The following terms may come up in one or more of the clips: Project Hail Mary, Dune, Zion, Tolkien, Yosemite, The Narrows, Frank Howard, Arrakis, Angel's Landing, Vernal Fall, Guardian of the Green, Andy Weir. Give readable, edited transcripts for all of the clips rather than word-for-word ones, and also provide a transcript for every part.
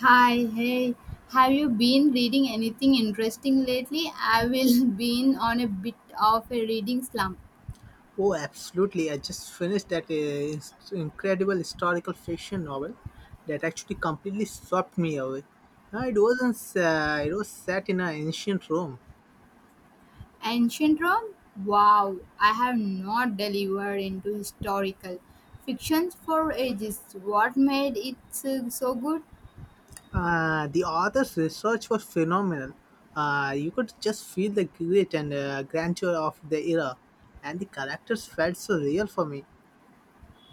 Hi, hey. Have you been reading anything interesting lately? I will been on a bit of a reading slump. Oh, absolutely. I just finished that incredible historical fiction novel that actually completely swept me away. It wasn't, it was set in an ancient Rome. Ancient Rome? Wow, I have not delivered into historical fictions for ages. What made it so good? The author's research was phenomenal. You could just feel the grit and grandeur of the era, and the characters felt so real for me.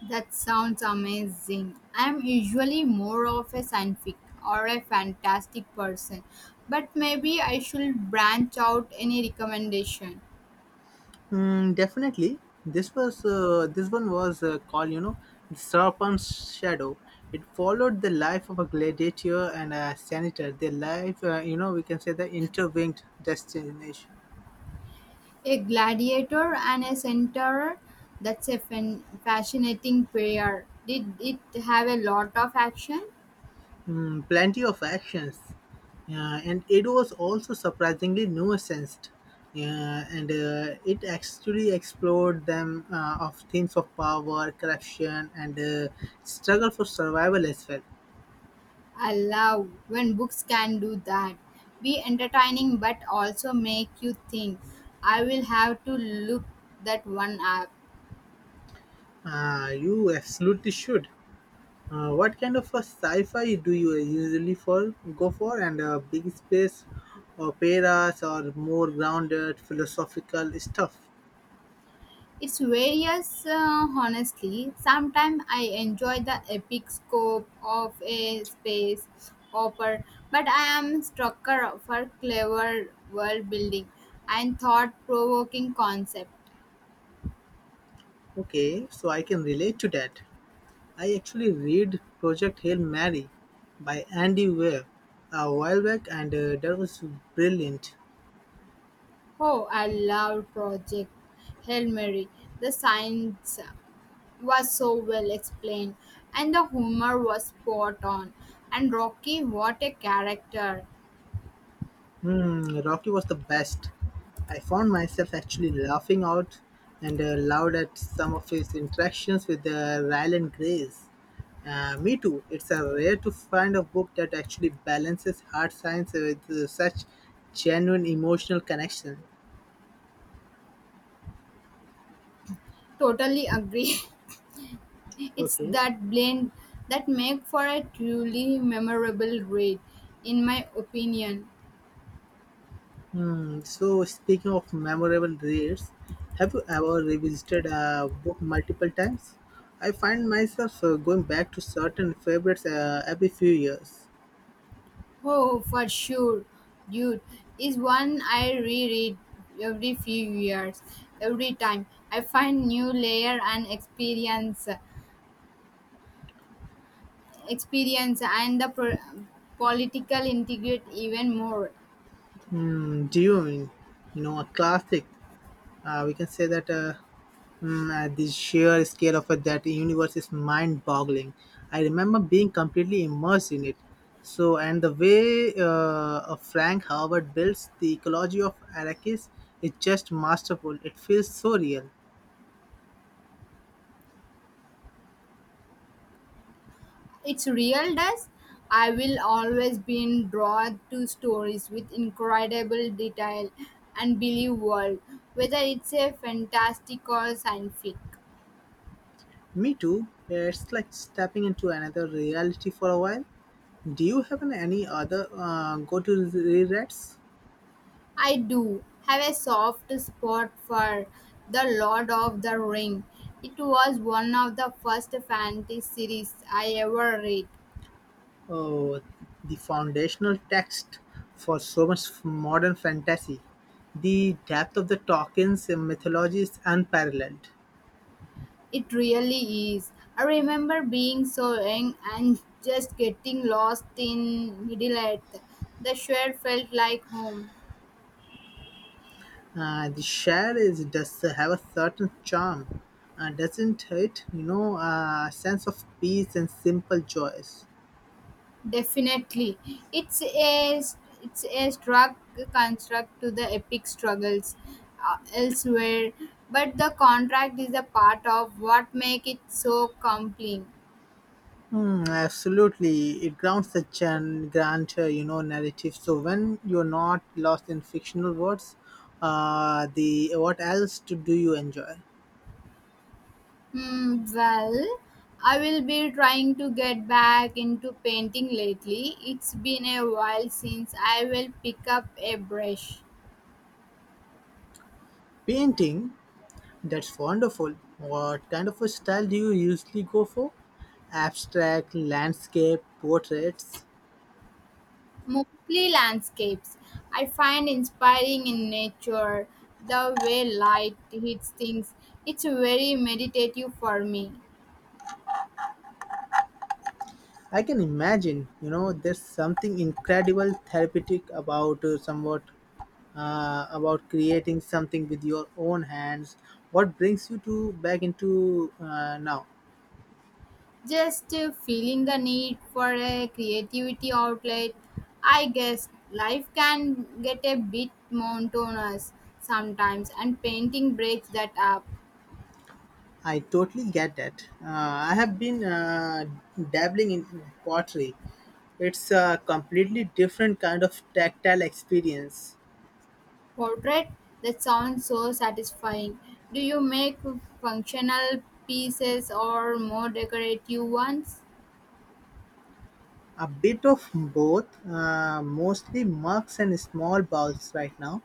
That sounds amazing. I'm usually more of a scientific or a fantastic person, but maybe I should branch out any recommendation. Definitely, this one was called the Serpent's Shadow. It followed the life of a gladiator and a senator. Their life, we can say the interwinged destination. A gladiator and a centaur. That's a fascinating pair. Did it have a lot of action? Mm, plenty of actions, yeah, and it was also surprisingly nuanced. Yeah, and it actually explored themes of power, corruption, and struggle for survival as well. I love when books can do that. Be entertaining but also make you think. I will have to look that one up. You absolutely should. What kind of a sci-fi do you usually for go for? And big space operas or more grounded philosophical stuff? It's various, honestly. Sometimes I enjoy the epic scope of a space opera, but I am strucker for clever world building and thought provoking concept. Okay, so I can relate to that. I actually read Project Hail Mary by Andy Weir a while back, and that was brilliant. Oh, I love Project Hail Mary. The science was so well explained, and the humor was spot on. And Rocky, what a character! Hmm, Rocky was the best. I found myself actually laughing out and loud at some of his interactions with Ryle and Grace. Me too. It's a rare to find a book that actually balances hard science with such genuine emotional connection. Totally agree. It's Okay. that blend that make for a truly memorable raid, in my opinion. Hmm. So speaking of memorable reads, have you ever revisited a book multiple times? I find myself going back to certain favorites every few years. Oh, for sure, dude, is one I reread every few years. Every time I find new layer and experience and the political integrate even more. Mm, Dune, you know, a classic. We can say that the sheer scale of it, that universe is mind-boggling. I remember being completely immersed in it. So, and the way Frank Howard builds the ecology of Arrakis is just masterful. It feels so real. It's real does. I will always be drawn to stories with incredible detail and believe world, whether it's a fantastic or scientific. Me too. It's like stepping into another reality for a while. Do you have any other go-to rereads? I do have a soft spot for The Lord of the Ring. It was one of the first fantasy series I ever read. Oh, the foundational text for so much modern fantasy. The depth of the Tolkien's mythology is unparalleled. It really is. I remember being so young and just getting lost in Middle Earth. The shore felt like home. The share is does have a certain charm, doesn't it? You know, a sense of peace and simple joys. Definitely, it's a it's a struck construct to the epic struggles elsewhere, but the contract is a part of what make it so compelling. Hmm, absolutely, it grounds the grandeur, you know, narrative. So when you're not lost in fictional words, the what else to do you enjoy? Hmm, well, I will be trying to get back into painting lately. It's been a while since I will pick up a brush. Painting. That's wonderful. What kind of a style do you usually go for? Abstract, landscape, portraits. Mostly landscapes. I find inspiring in nature the way light hits things. It's very meditative for me. I can imagine, you know, there's something incredible therapeutic about somewhat about creating something with your own hands. What brings you to back into now? Just feeling the need for a creativity outlet. I guess life can get a bit monotonous sometimes, and painting breaks that up. I totally get that. I have been dabbling in pottery. It's a completely different kind of tactile experience. Portrait that sounds so satisfying. Do you make functional pieces or more decorative ones? A bit of both, mostly mugs and small bowls right now.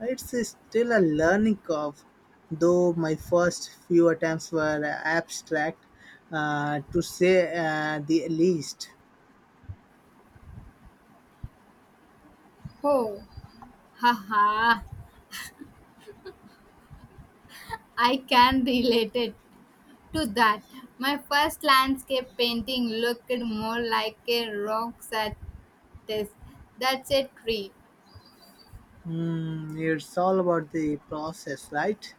It's still a learning curve, though my first few attempts were abstract, to say the least. Oh. Haha, I can relate it to that. My first landscape painting looked more like a rock satis. That's a tree. Mm, it's all about the process, right?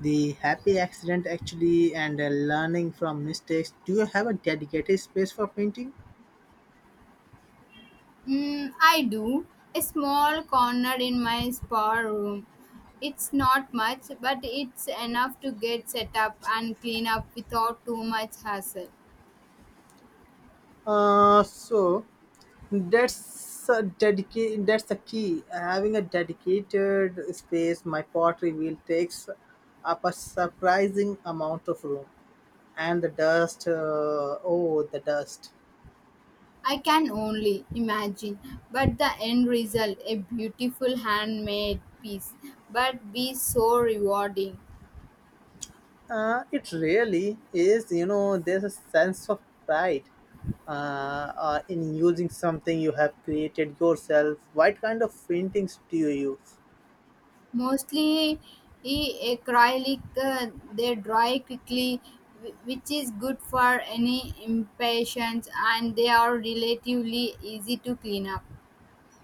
The happy accident actually, and learning from mistakes. Do you have a dedicated space for painting? Mm, I do. A small corner in my spa room. It's not much, but it's enough to get set up and clean up without too much hassle. So that's that's a key having a dedicated space. My pottery wheel takes up a surprising amount of room and the dust, oh the dust. I can only imagine, but the end result, a beautiful handmade piece, but be so rewarding. It really is, you know, there's a sense of pride, uh, in using something you have created yourself. What kind of paintings do you use? Mostly acrylic, they dry quickly, which is good for any impatience, and they are relatively easy to clean up.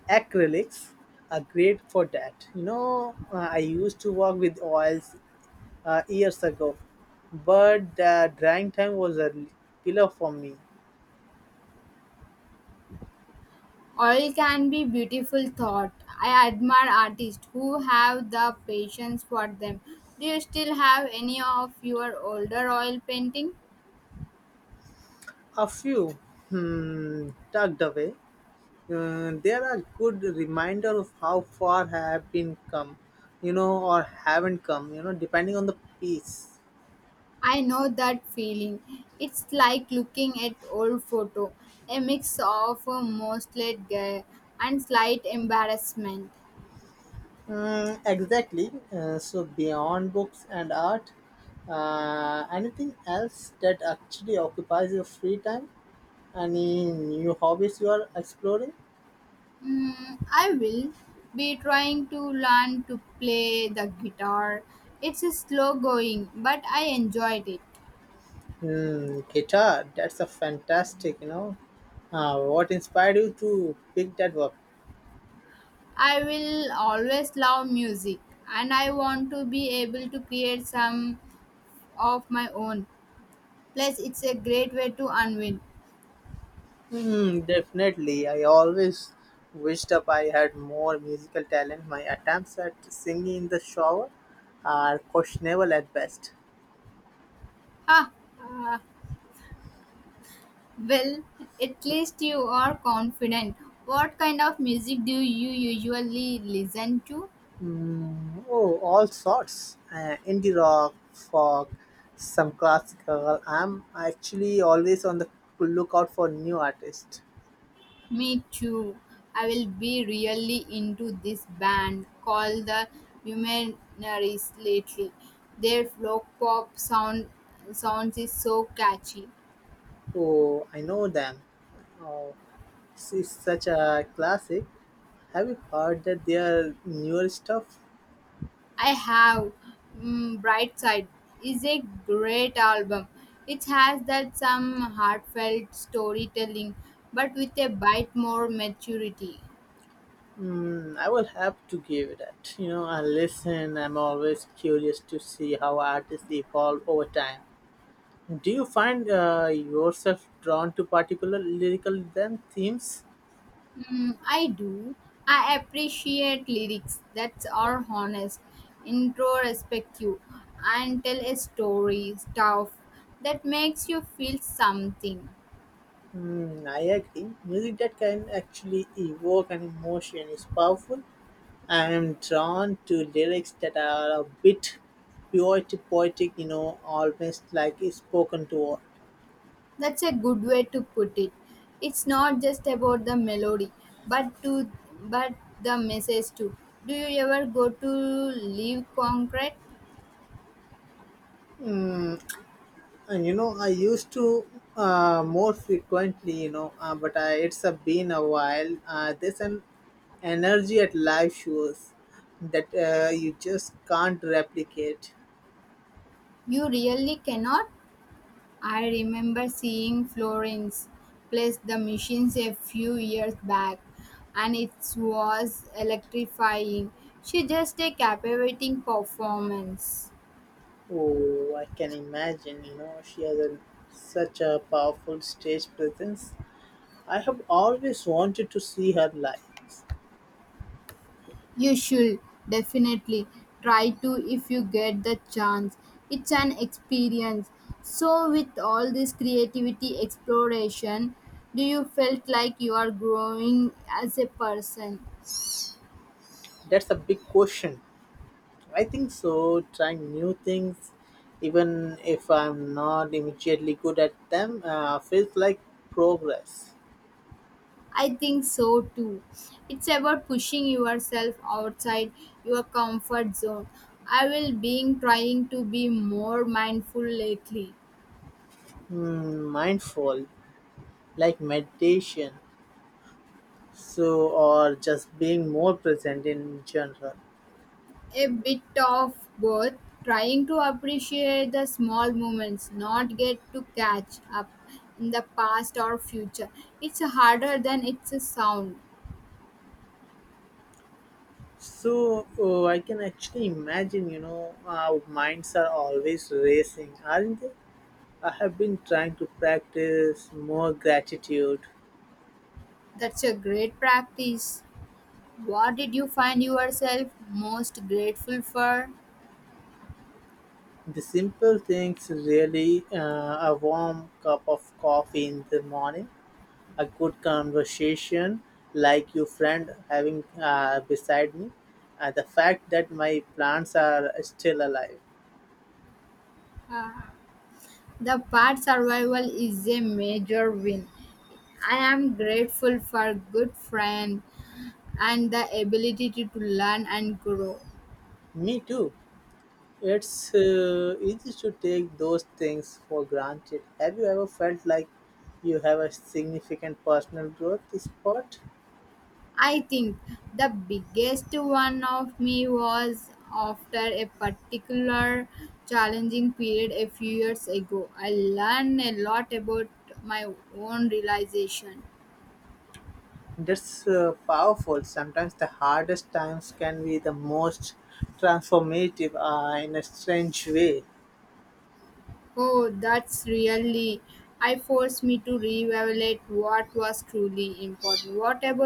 Acrylics are great for that. You know, I used to work with oils years ago, but the drying time was a killer for me. Oil can be beautiful thought. I admire artists who have the patience for them. Do you still have any of your older oil painting? A few, hmm, tucked away. They are a good reminder of how far I have been come, you know, or haven't come, you know, depending on the piece. I know that feeling. It's like looking at old photo, a mix of mostly gay and slight embarrassment. Mm, exactly. So beyond books and art, anything else that actually occupies your free time? Any new hobbies you are exploring? Mm, I will be trying to learn to play the guitar. It's slow going, but I enjoyed it. Hmm, guitar. That's a fantastic. You know, what inspired you to pick that up? I will always love music, and I want to be able to create some of my own. Plus, it's a great way to unwind. Hmm, definitely. I always wished up I had more musical talent. My attempts at singing in the shower are questionable at best. Ha! Well, at least you are confident. What kind of music do you usually listen to? Mm, oh, all sorts. Indie rock, folk, some classical. I'm actually always on the lookout for new artists. Me too. I will be really into this band called the Humanaries lately. Their folk pop sounds is so catchy. Oh, I know them. Oh, this is such a classic. Have you heard that their newer stuff? I have, mm, Bright Side is a great album. It has that some heartfelt storytelling, but with a bit more maturity. Mm, I will have to give that. You know, I listen, I'm always curious to see how artists evolve over time. Do you find yourself drawn to particular lyrical themes? Mm, I do. I appreciate lyrics that are honest, introspective, and tell a story, stuff that makes you feel something. Hmm, I agree. Music that can actually evoke an emotion is powerful. I am drawn to lyrics that are a bit poetic, you know, almost like it's spoken to word. That's a good way to put it. It's not just about the melody, but to but the message too. Do you ever go to live concrete? And you know, I used to more frequently, you know, but I, it's a, been a while. There's an energy at live shows that you just can't replicate. You really cannot. I remember seeing Florence place the machines a few years back and it was electrifying. She just a captivating performance. Oh, I can imagine, you know, she has a, such a powerful stage presence. I have always wanted to see her live. You should definitely try to if you get the chance. It's an experience. So with all this creativity exploration, do you felt like you are growing as a person? That's a big question. I think so, trying new things, even if I'm not immediately good at them, feels like progress. I think so too. It's about pushing yourself outside your comfort zone. I will be trying to be more mindful lately. Hmm, mindful, like meditation, so, or just being more present in general. A bit of both, trying to appreciate the small moments, not get to catch up in the past or future. It's harder than it's a sound. So I can actually imagine, you know, our minds are always racing, aren't they? I have been trying to practice more gratitude. That's a great practice. What did you find yourself most grateful for? The simple things, really, a warm cup of coffee in the morning, a good conversation, like your friend having beside me, and the fact that my plants are still alive. The part survival is a major win. I am grateful for good friend and the ability to learn and grow. Me too. It's easy to take those things for granted. Have you ever felt like you have a significant personal growth spot? I think the biggest one of me was after a particular challenging period a few years ago. I learned a lot about my own realization. That's powerful. Sometimes the hardest times can be the most transformative in a strange way. Oh, that's really. I forced me to reevaluate what was truly important. What about